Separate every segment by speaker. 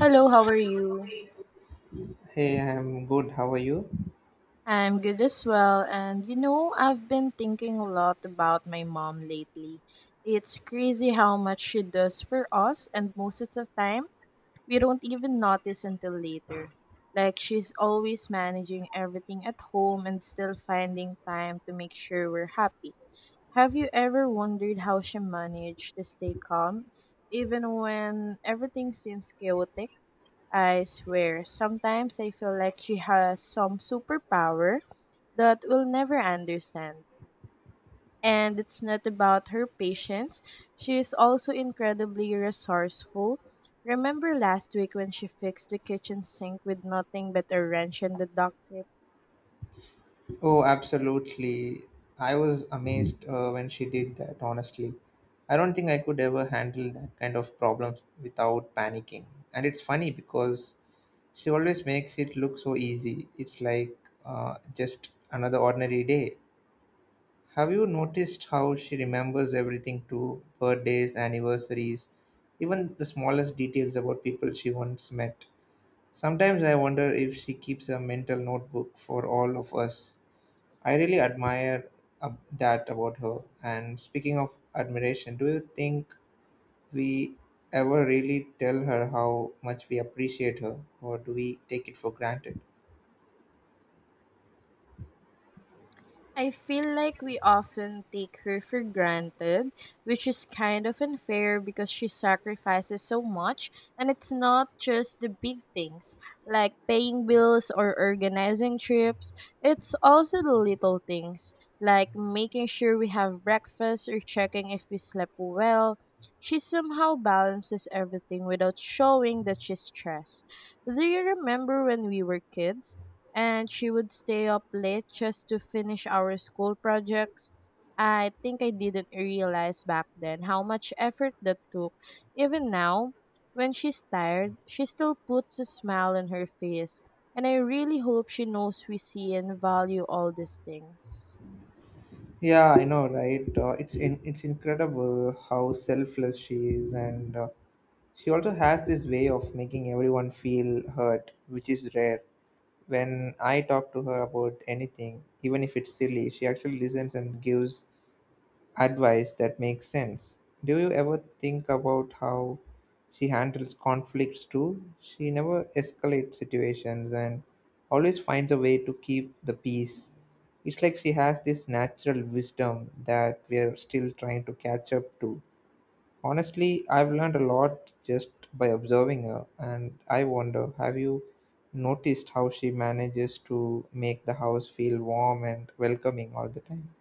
Speaker 1: Hello, how are you?
Speaker 2: Hey, I'm good. How are you?
Speaker 1: I'm good as well. And you know, I've been thinking a lot about my mom lately. It's crazy how much she does for us, and most of the time, we don't even notice until later. Like, she's always managing everything at home and still finding time to make sure we're happy. Have you ever wondered how she managed to stay calm, even when everything seems chaotic? I swear, sometimes I feel like she has some superpower that we'll never understand. And it's not about her patience, she is also incredibly resourceful. Remember last week when she fixed the kitchen sink with nothing but a wrench and the duct tape?
Speaker 2: Oh, absolutely. I was amazed when she did that, honestly. I don't think I could ever handle that kind of problem without panicking. And it's funny because she always makes it look so easy. It's like just another ordinary day. Have you noticed how she remembers everything too? Birthdays, anniversaries, even the smallest details about people she once met. Sometimes I wonder if she keeps a mental notebook for all of us. I really admire uh, that about her. And speaking of admiration, do you think we ever really tell her how much we appreciate her, or do we take it for granted?
Speaker 1: I feel like we often take her for granted, which is kind of unfair because she sacrifices so much, and it's not just the big things like paying bills or organizing trips, it's also the little things like making sure we have breakfast or checking if we slept well. She somehow balances everything without showing that she's stressed. Do you remember when we were kids and she would stay up late just to finish our school projects? I think I didn't realize back then how much effort that took. Even now, when she's tired, she still puts a smile on her face. And I really hope she knows we see and value all these things.
Speaker 2: Yeah, I know, right? It's incredible how selfless she is, and she also has this way of making everyone feel hurt, which is rare. When I talk to her about anything, even if it's silly, she actually listens and gives advice that makes sense. Do you ever think about how she handles conflicts too? She never escalates situations and always finds a way to keep the peace. It's like she has this natural wisdom that we are still trying to catch up to. Honestly, I've learned a lot just by observing her, and I wonder, have you noticed how she manages to make the house feel warm and welcoming all the time?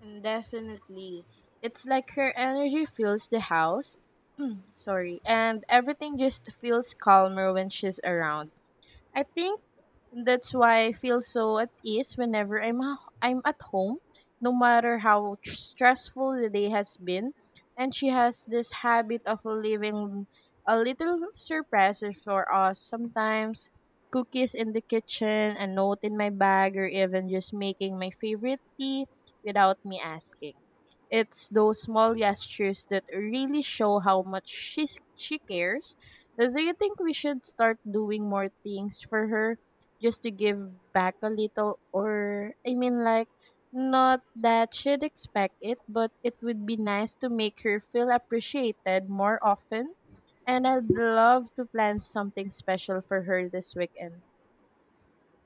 Speaker 1: And definitely, it's like her energy fills the house. Sorry, and everything just feels calmer when she's around. I think that's why I feel so at ease whenever I'm at home, no matter how stressful the day has been. And she has this habit of leaving a little surprises for us. Sometimes cookies in the kitchen, a note in my bag, or even just making my favorite tea without me asking. It's those small gestures that really show how much she cares. Do you think we should start doing more things for her just to give back a little? Or, I mean, like, not that she'd expect it, but it would be nice to make her feel appreciated more often. And I'd love to plan something special for her this weekend.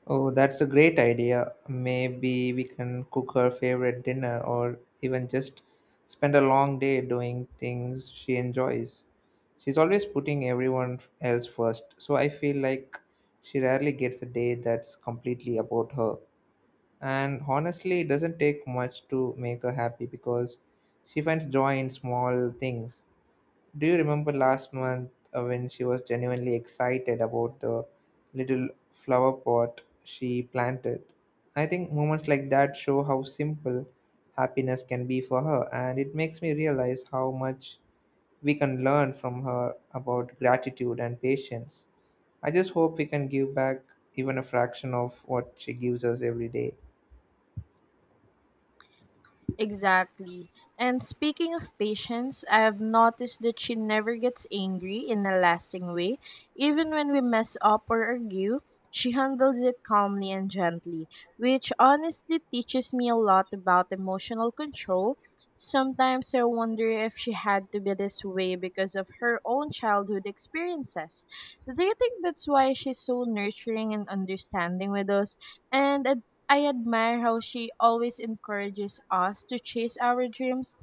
Speaker 2: Oh, that's a great idea. Maybe we can cook her favorite dinner or even just spend a long day doing things she enjoys. She's always putting everyone else first, so I feel like she rarely gets a day that's completely about her. And honestly, it doesn't take much to make her happy because she finds joy in small things. Do you remember last month when she was genuinely excited about the little flower pot she planted? I think moments like that show how simple happiness can be for her, and it makes me realize how much we can learn from her about gratitude and patience. I just hope we can give back even a fraction of what she gives us every day.
Speaker 1: Exactly. And speaking of patience, I have noticed that she never gets angry in a lasting way. Even when we mess up or argue, she handles it calmly and gently, which honestly teaches me a lot about emotional control. Sometimes I wonder if she had to be this way because of her own childhood experiences. Do you think that's why she's so nurturing and understanding with us? And I admire how she always encourages us to chase our dreams,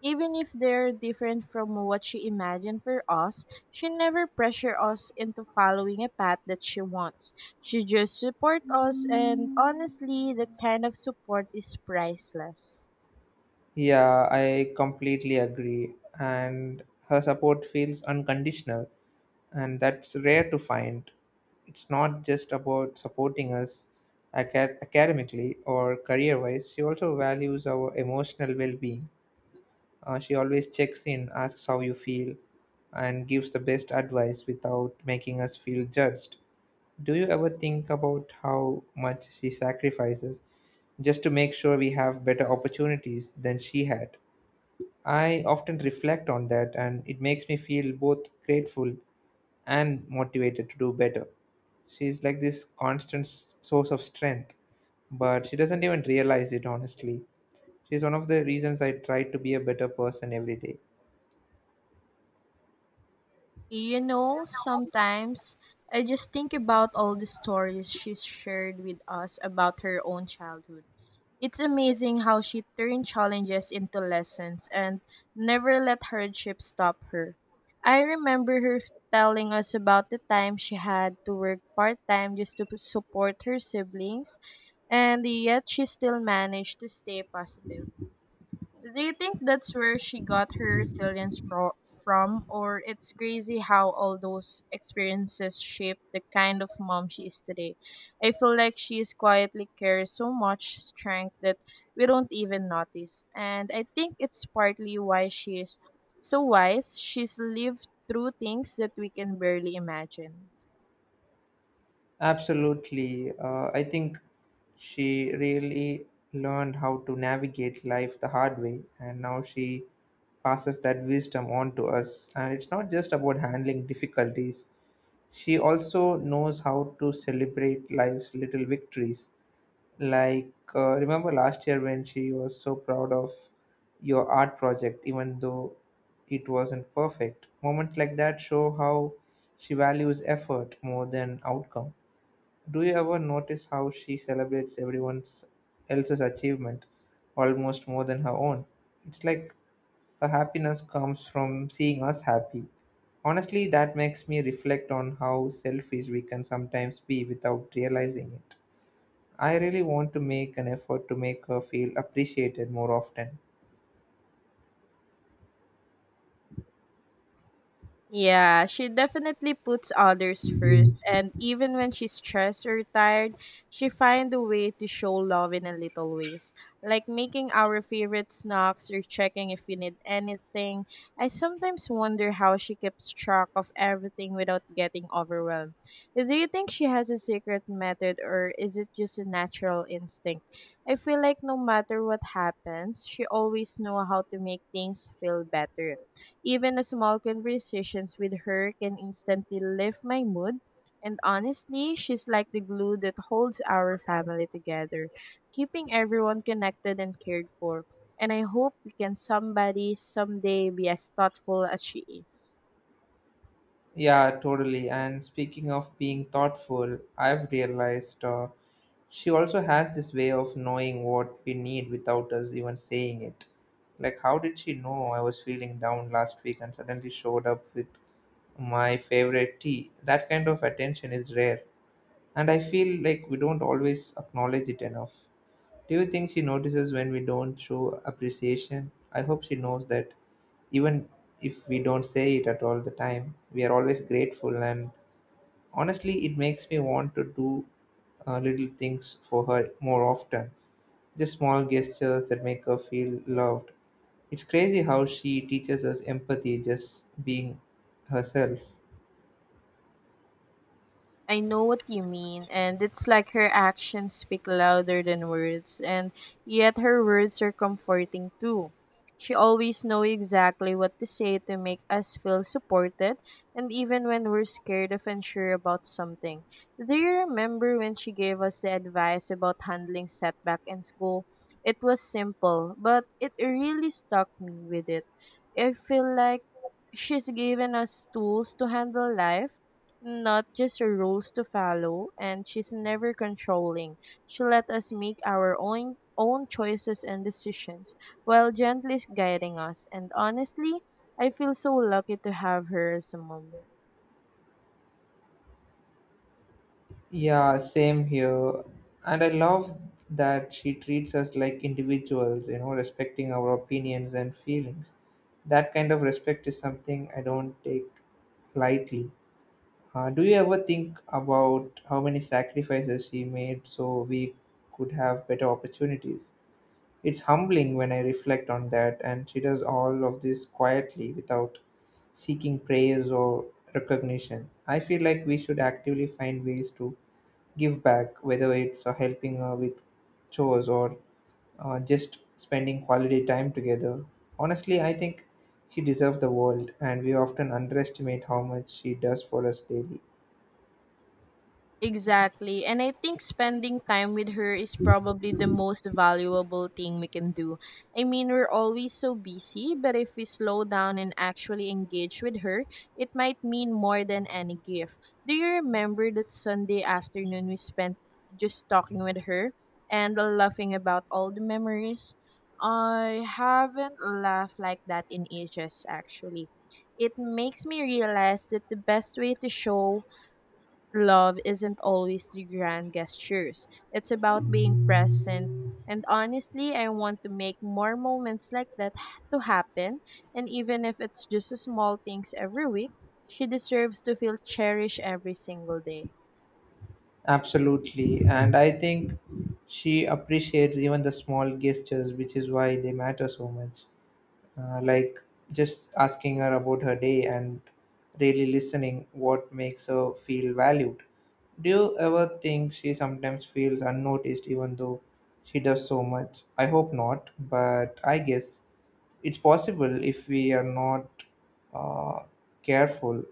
Speaker 1: even if they're different from what she imagined for us. She never pressures us into following a path that she wants. She just supports us, and honestly, that kind of support is priceless.
Speaker 2: Yeah, I completely agree. And her support feels unconditional, and that's rare to find. It's not just about supporting us academically or career wise, she also values our emotional well being. She always checks in, asks how you feel, and gives the best advice without making us feel judged. Do you ever think about how much she sacrifices just to make sure we have better opportunities than she had? I often reflect on that, and it makes me feel both grateful and motivated to do better. She's like this constant source of strength, but she doesn't even realize it, honestly. She's one of the reasons I try to be a better person every day.
Speaker 1: You know, sometimes I just think about all the stories she's shared with us about her own childhood. It's amazing how she turned challenges into lessons and never let hardship stop her. I remember her telling us about the time she had to work part time just to support her siblings, and yet she still managed to stay positive. Do you think that's where she got her resilience from, or it's crazy how all those experiences shaped the kind of mom she is today? I feel like she is quietly carries so much strength that we don't even notice, and I think it's partly why she is so wise. She's lived through things that we can barely imagine.
Speaker 2: Absolutely. I think she really learned how to navigate life the hard way, and now she passes that wisdom on to us. And it's not just about handling difficulties, she also knows how to celebrate life's little victories. Like, remember last year when she was so proud of your art project, even though it wasn't perfect? Moments like that show how she values effort more than outcome. Do you ever notice how she celebrates everyone else's achievement almost more than her own? It's like her happiness comes from seeing us happy. Honestly, that makes me reflect on how selfish we can sometimes be without realizing it. I really want to make an effort to make her feel appreciated more often.
Speaker 1: Yeah, she definitely puts others first, and even when she's stressed or tired, she finds a way to show love in a little ways, like making our favorite snacks or checking if we need anything. I sometimes wonder how she keeps track of everything without getting overwhelmed. Do you think she has a secret method, or is it just a natural instinct? I feel like no matter what happens, she always knows how to make things feel better even a small conversations with her can instantly lift my mood. And honestly, she's like the glue that holds our family together, keeping everyone connected and cared for. And I hope we can somebody someday be as thoughtful as she is.
Speaker 2: Yeah, totally. And speaking of being thoughtful, I've realized she also has this way of knowing what we need without us even saying it. Like, how did she know I was feeling down last week and suddenly showed up with my favorite tea? That kind of attention is rare. And I feel like we don't always acknowledge it enough. Do you think she notices when we don't show appreciation? I hope she knows that even if we don't say it at all the time, we are always grateful. And honestly, it makes me want to do little things for her more often. Just small gestures that make her feel loved. It's crazy how she teaches us empathy just being herself.
Speaker 1: I know what you mean, and it's like her actions speak louder than words, and yet her words are comforting too. She always knows exactly what to say to make us feel supported, and even when we're scared of unsure about something. Do you remember when she gave us the advice about handling setback in school? It was simple, but it really stuck me with it. I feel like she's given us tools to handle life, not just her rules to follow, and she's never controlling. She let us make our own choices and decisions while gently guiding us, and honestly, I feel so lucky to have her as a mom.
Speaker 2: Yeah, same here. And I love that she treats us like individuals, you know, respecting our opinions and feelings. That kind of respect is something I don't take lightly. Do you ever think about how many sacrifices she made so we could have better opportunities? It's humbling when I reflect on that, and she does all of this quietly without seeking praise or recognition. I feel like we should actively find ways to give back, whether it's helping with chores or just spending quality time together. Honestly, I think she deserves the world, and we often underestimate how much she does for us daily.
Speaker 1: Exactly. And I think spending time with her is probably the most valuable thing we can do. I mean, we're always so busy, but if we slow down and actually engage with her, it might mean more than any gift. Do you remember that Sunday afternoon we spent just talking with her and laughing about all the memories? I haven't laughed like that in ages, actually. It makes me realize that the best way to show love isn't always the grand gestures. It's about being present. And honestly, I want to make more moments like to happen. And even if it's just small things every week, she deserves to feel cherished every single day.
Speaker 2: Absolutely, and I think she appreciates even the small gestures, which is why they matter so much. Like, just asking her about her day and really listening what makes her feel valued. Do you ever think she sometimes feels unnoticed even though she does so much? I hope not, but I guess it's possible if we are not uh, careful.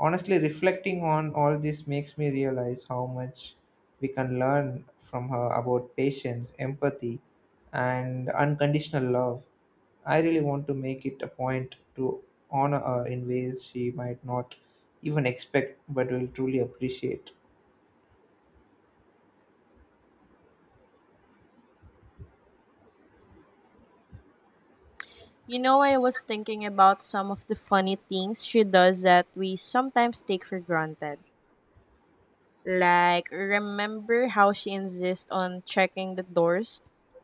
Speaker 2: Honestly, reflecting on all this makes me realize how much we can learn from her about patience, empathy, and unconditional love. I really want to make it a point to honor her in ways she might not even expect but will truly appreciate.
Speaker 1: You know, I was thinking about some of the funny things she does that we sometimes take for granted. Like, remember how she insists on checking the doors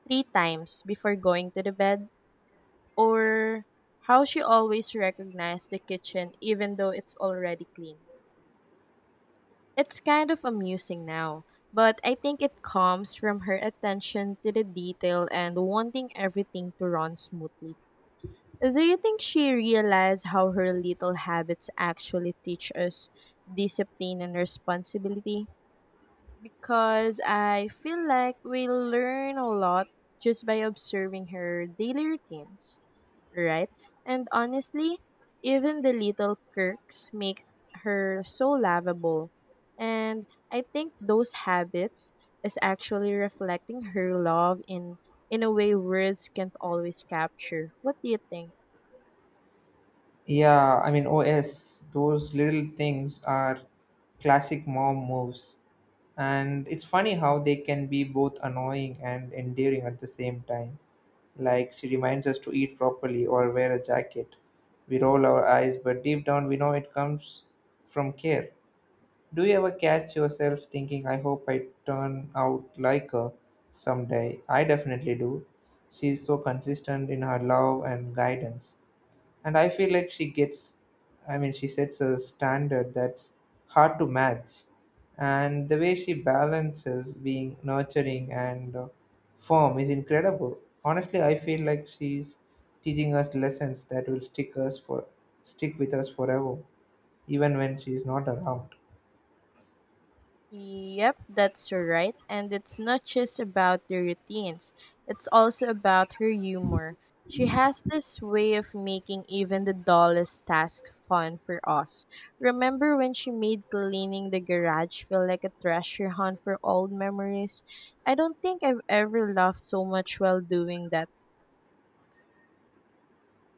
Speaker 1: three times before going to the bed? Or how she always recognized the kitchen even though it's already clean. It's kind of amusing now, but I think it comes from her attention to the detail and wanting everything to run smoothly. Do you think she realized how her little habits actually teach us discipline and responsibility? Because I feel like we learn a lot just by observing her daily routines, right? And honestly, even the little quirks make her so lovable. And I think those habits is actually reflecting her love in a way words can't always capture. What do you think?
Speaker 2: Yeah, I mean, OS, those little things are classic mom moves. And it's funny how they can be both annoying and endearing at the same time. Like, she reminds us to eat properly or wear a jacket. We roll our eyes, but deep down we know it comes from care. Do you ever catch yourself thinking, I hope I turn out like her someday? I definitely do. She's so consistent in her love and guidance. And I feel like she gets, I mean, she sets a standard that's hard to match. And the way she balances being nurturing and firm is incredible. Honestly, I feel like she's teaching us lessons that will stick us for stick with us forever, even when she's not around.
Speaker 1: Yep, that's right. And it's not just about the routines, it's also about her humor. She has this way of making even the dullest task fun for us. Remember when she made cleaning the garage feel like a treasure hunt for old memories? I don't think I've ever laughed so much while doing that.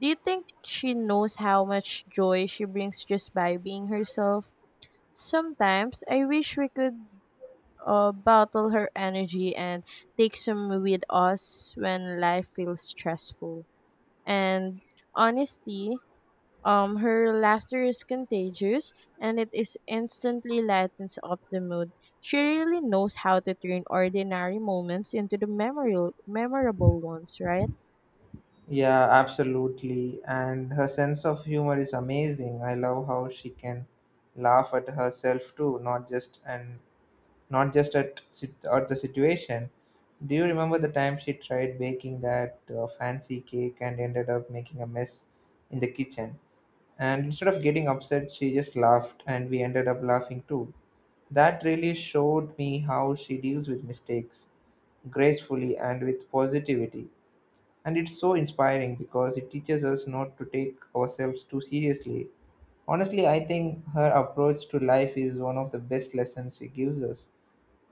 Speaker 1: Do you think she knows how much joy she brings just by being herself? Sometimes I wish we could bottle her energy and take some with us when life feels stressful. And honestly, her laughter is contagious and it is instantly lightens up the mood. She really knows how to turn ordinary moments into memorable ones, right?
Speaker 2: Yeah, absolutely. And her sense of humor is amazing. I love how she can laugh at herself too, not just at the situation. Do you remember the time she tried baking that fancy cake and ended up making a mess in the kitchen? And instead of getting upset, she just laughed, and we ended up laughing too. That really showed me how she deals with mistakes gracefully and with positivity. And it's so inspiring because it teaches us not to take ourselves too seriously. Honestly, I think her approach to life is one of the best lessons she gives us.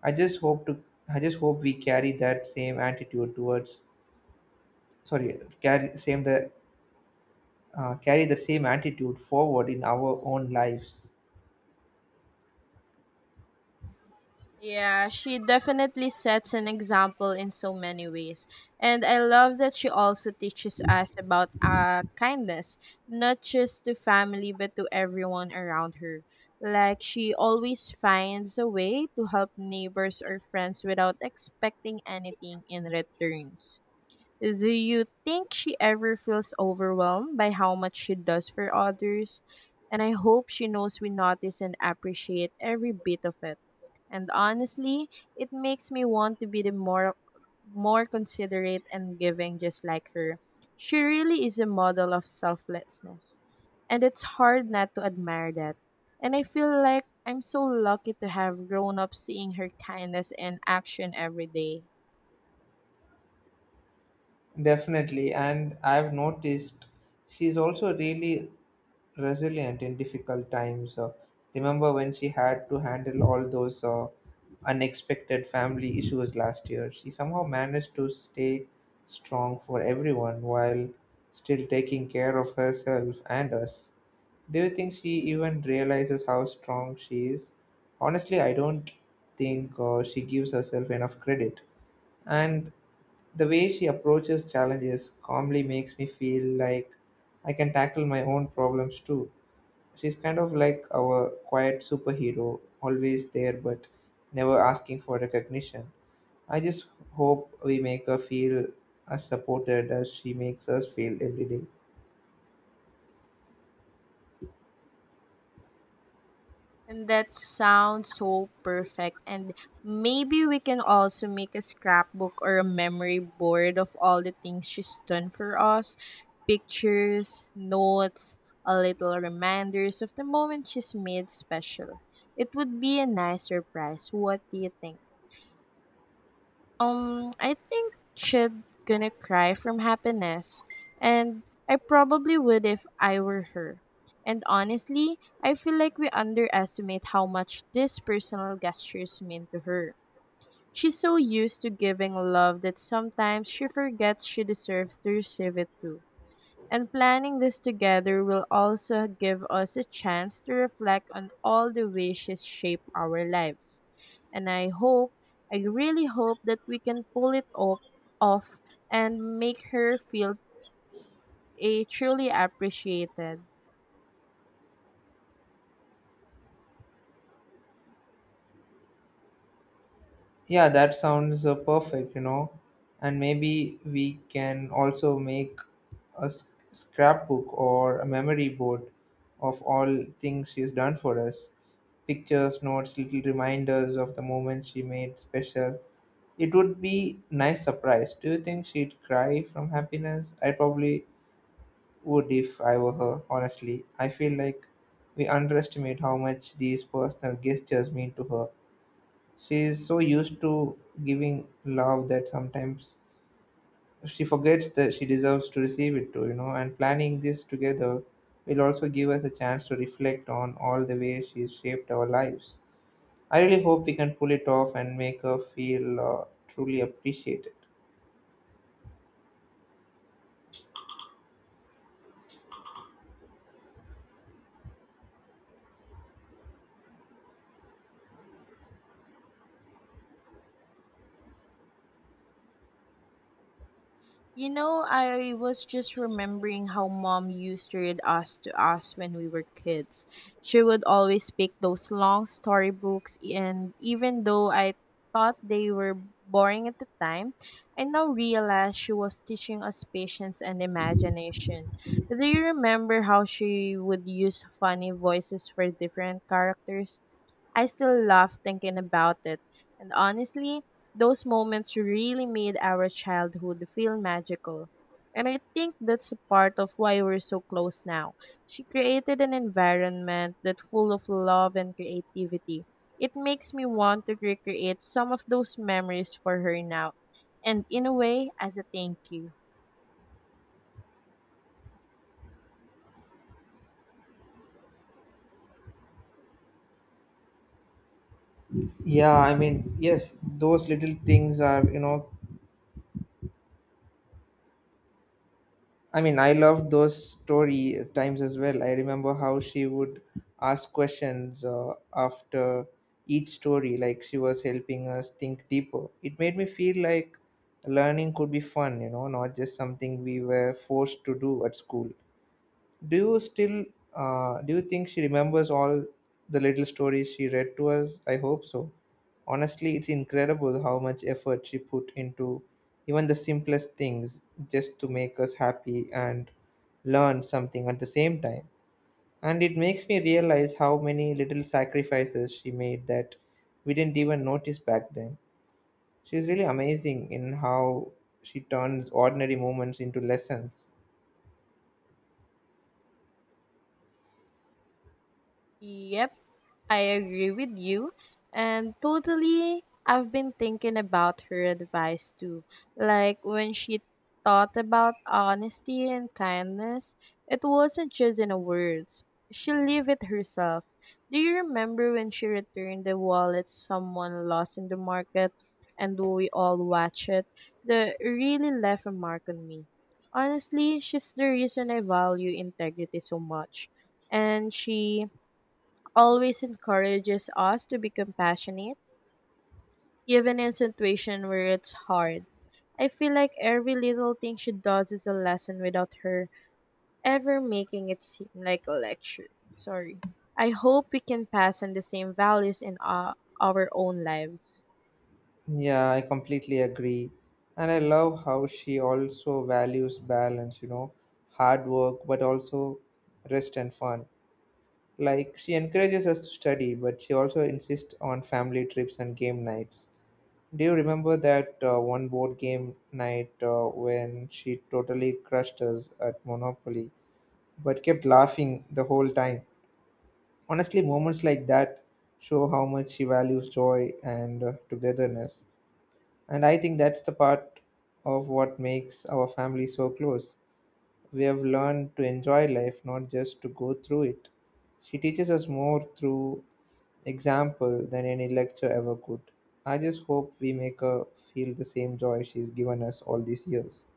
Speaker 2: I just hope to I just hope we carry that same attitude towards sorry carry same the carry the same attitude forward in our own lives.
Speaker 1: Yeah, she definitely sets an example in so many ways. And I love that she also teaches us about kindness, not just to family, but to everyone around her. Like, she always finds a way to help neighbors or friends without expecting anything in returns. Do you think she ever feels overwhelmed by how much she does for others? And I hope she knows we notice and appreciate every bit of it. And honestly, it makes me want to be the more more considerate and giving, just like her. She really is a model of selflessness, and it's hard not to admire that. And I feel like I'm so lucky to have grown up seeing her kindness in action every day.
Speaker 2: Definitely, and I've noticed she's also really resilient in difficult times. Remember when she had to handle all those unexpected family issues last year? She somehow managed to stay strong for everyone while still taking care of herself and us. Do you think she even realizes how strong she is? Honestly, I don't think she gives herself enough credit. And the way she approaches challenges calmly makes me feel like I can tackle my own problems too. She's kind of like our quiet superhero, always there but never asking for recognition. I just hope we make her feel as supported as she makes us feel every day.
Speaker 1: And that sounds so perfect. And maybe we can also make a scrapbook or a memory board of all the things she's done for us: pictures, notes, a little reminders of the moment she's made special. It would be a nice surprise. What do you think? I think she'd gonna cry from happiness, and I probably would if I were her. And honestly, I feel like we underestimate how much these personal gestures mean to her. She's so used to giving love that sometimes she forgets she deserves to receive it too. And planning this together will also give us a chance to reflect on all the wishes shape our lives. And I really hope that we can pull it off and make her feel a truly appreciated.
Speaker 2: Yeah, that sounds perfect, you know. And maybe we can also make a scrapbook or a memory board of all things she's done for us. Pictures, notes, little reminders of the moments she made special. It would be nice surprise. Do you think she'd cry from happiness? I probably would if I were her, honestly. I feel like we underestimate how much these personal gestures mean to her. She is so used to giving love that sometimes she forgets that she deserves to receive it too, you know. And planning this together will also give us a chance to reflect on all the ways she's shaped our lives. I really hope we can pull it off and make her feel truly appreciated.
Speaker 1: You know, I was just remembering how mom used to read us to us when we were kids. She would always pick those long storybooks, and even though I thought they were boring at the time, I now realize she was teaching us patience and imagination. Do you remember how she would use funny voices for different characters? I still laugh thinking about it. And honestly, those moments really made our childhood feel magical. And I think that's a part of why we're so close now. She created an environment that's full of love and creativity. It makes me want to recreate some of those memories for her now. And in a way, as a thank you.
Speaker 2: Yeah, I mean, yes, those little things are, I love those story times as well. I remember how she would ask questions after each story, like she was helping us think deeper. It made me feel like learning could be fun, you know, not just something we were forced to do at school. Do you still do you think she remembers all the little stories she read to us? I hope so. Honestly, it's incredible how much effort she put into even the simplest things just to make us happy and learn something at the same time. And it makes me realize how many little sacrifices she made that we didn't even notice back then. She's really amazing in how she turns ordinary moments into lessons.
Speaker 1: Yep, I agree with you. And totally, I've been thinking about her advice too. Like when she thought about honesty and kindness, it wasn't just in words. She lived it herself. Do you remember when she returned the wallet someone lost in the market and we all watched it? That really left a mark on me. Honestly, she's the reason I value integrity so much. And she always encourages us to be compassionate, even in situations where it's hard. I feel like every little thing she does is a lesson without her ever making it seem like a lecture. Sorry. I hope we can pass on the same values in our own lives.
Speaker 2: Yeah, I completely agree. And I love how she also values balance, you know, hard work, but also rest and fun. Like, she encourages us to study, but she also insists on family trips and game nights. Do you remember that one board game night when she totally crushed us at Monopoly, but kept laughing the whole time? Honestly, moments like that show how much she values joy and togetherness. And I think that's the part of what makes our family so close. We have learned to enjoy life, not just to go through it. She teaches us more through example than any lecture ever could. I just hope we make her feel the same joy she's given us all these years.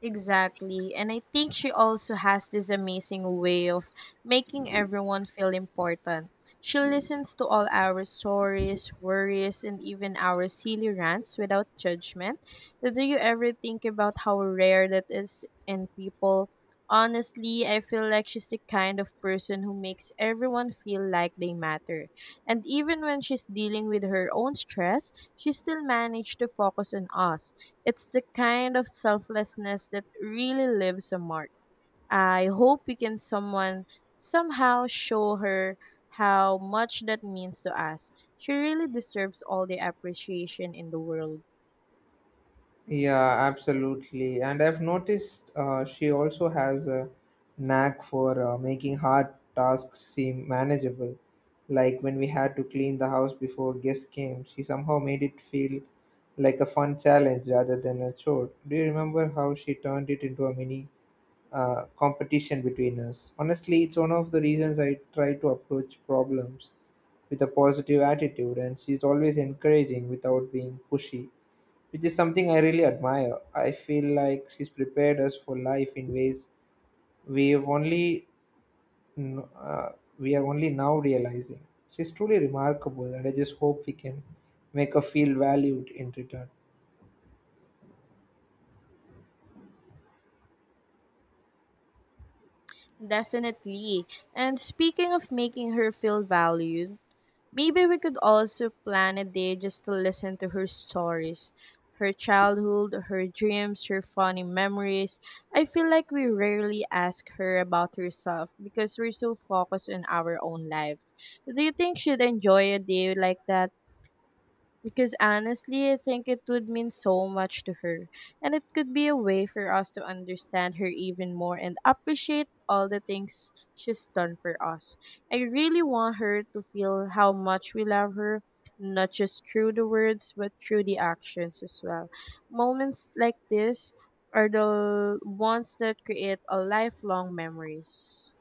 Speaker 1: Exactly. And I think she also has this amazing way of making everyone feel important. She listens to all our stories, worries, and even our silly rants without judgment. Do you ever think about how rare that is in people? Honestly, I feel like she's the kind of person who makes everyone feel like they matter. And even when she's dealing with her own stress, she still managed to focus on us. It's the kind of selflessness that really leaves a mark. I hope we can someone somehow show her how much that means to us. She really deserves all the appreciation in the world.
Speaker 2: Yeah, absolutely. And I've noticed she also has a knack for making hard tasks seem manageable. Like when we had to clean the house before guests came, she somehow made it feel like a fun challenge rather than a chore. Do you remember how she turned it into a mini competition between us? Honestly, it's one of the reasons I try to approach problems with a positive attitude, and she's always encouraging without being pushy which is something I really admire. I feel like she's prepared us for life in ways we've only kn- uh, we are only now realizing. She's truly remarkable, and I just hope we can make her feel valued in return.
Speaker 1: Definitely. And speaking of making her feel valued, maybe we could also plan a day just to listen to her stories, her childhood, her dreams, her funny memories. I feel like we rarely ask her about herself because we're so focused on our own lives. Do you think she'd enjoy a day like that? Because honestly, I think it would mean so much to her. And it could be a way for us to understand her even more and appreciate all the things she's done for us. I really want her to feel how much we love her, not just through the words, but through the actions as well. Moments like this are the ones that create a lifelong memories.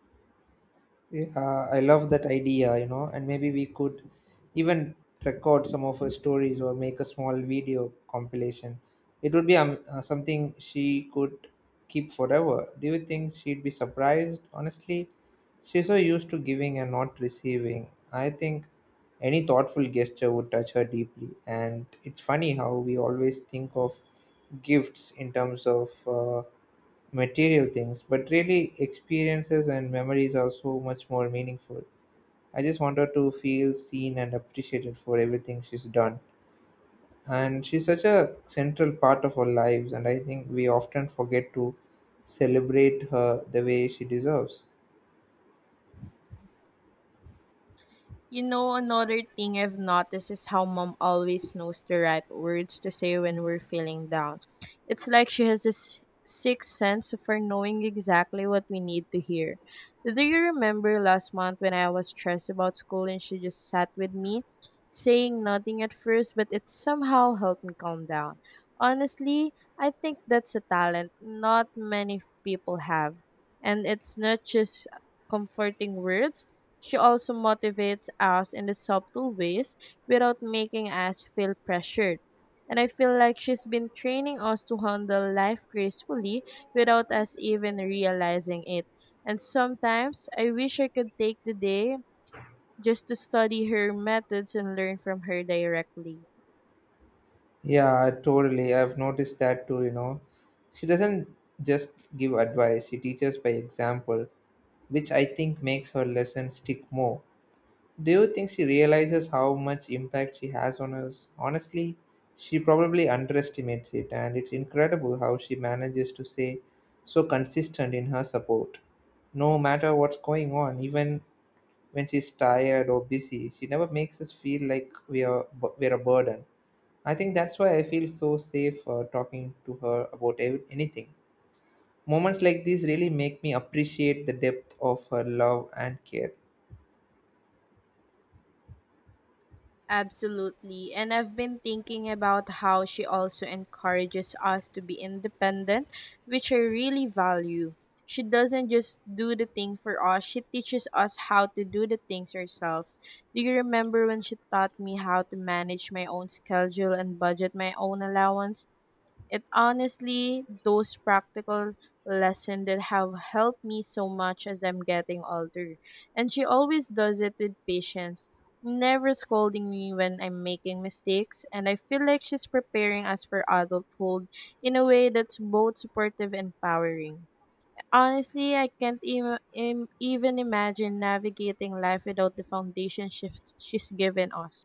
Speaker 2: Yeah, I love that idea, you know, and maybe we could even record some of her stories or make a small video compilation. It would be something she could keep forever. Do you think she'd be surprised? Honestly, she's so used to giving and not receiving. I think any thoughtful gesture would touch her deeply, and it's funny how we always think of gifts in terms of. Material things, but really experiences and memories are so much more meaningful. I just want her to feel seen and appreciated for everything she's done. And she's such a central part of our lives, and I think we often forget to celebrate her the way she deserves.
Speaker 1: You know, another thing I've noticed is how mom always knows the right words to say when we're feeling down. It's like she has this sixth sense for knowing exactly what we need to hear. Do you remember last month when I was stressed about school and she just sat with me, saying nothing at first, but it somehow helped me calm down? Honestly, I think that's a talent not many people have. And it's not just comforting words she also motivates us in the subtle ways without making us feel pressured. And I feel like she's been training us to handle life gracefully without us even realizing it. And sometimes I wish I could take the day just to study her methods and learn from her directly.
Speaker 2: Yeah, totally. I've noticed that too, you know. She doesn't just give advice, she teaches by example, which I think makes her lesson stick more. Do you think she realizes how much impact she has on us? Honestly, she probably underestimates it, and it's incredible how she manages to stay so consistent in her support. No matter what's going on, even when she's tired or busy, she never makes us feel like we're a burden. I think that's why I feel so safe talking to her about anything. Moments like these really make me appreciate the depth of her love and care.
Speaker 1: Absolutely. And I've been thinking about how she also encourages us to be independent, which I really value. She doesn't just do the thing for us, she teaches us how to do the things ourselves. Do you remember when she taught me how to manage my own schedule and budget my own allowance? It honestly those practical lessons that have helped me so much as I'm getting older. And she always does it with patience, never scolding me when I'm making mistakes, and I feel like she's preparing us for adulthood in a way that's both supportive and empowering. Honestly, I can't even imagine navigating life without the foundation she's given us.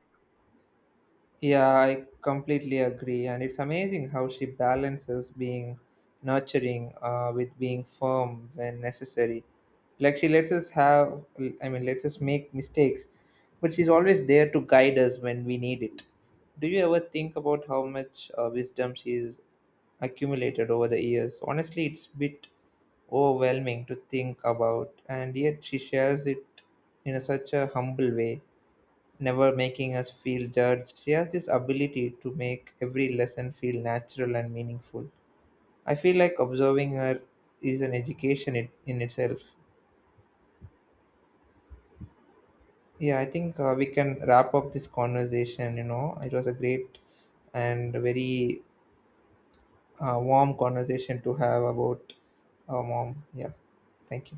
Speaker 2: Yeah, I completely agree. And it's amazing how she balances being nurturing with being firm when necessary. Like she lets us have, I mean, Lets us make mistakes, but she's always there to guide us when we need it. Do you ever think about how much wisdom she's accumulated over the years? Honestly, it's a bit overwhelming to think about, and yet she shares it in such a humble way never making us feel judged. She has this ability to make every lesson feel natural and meaningful. I feel like observing her is an education in itself. Yeah, I think we can wrap up this conversation. You know, it was a great and very warm conversation to have about mom. Yeah, thank you.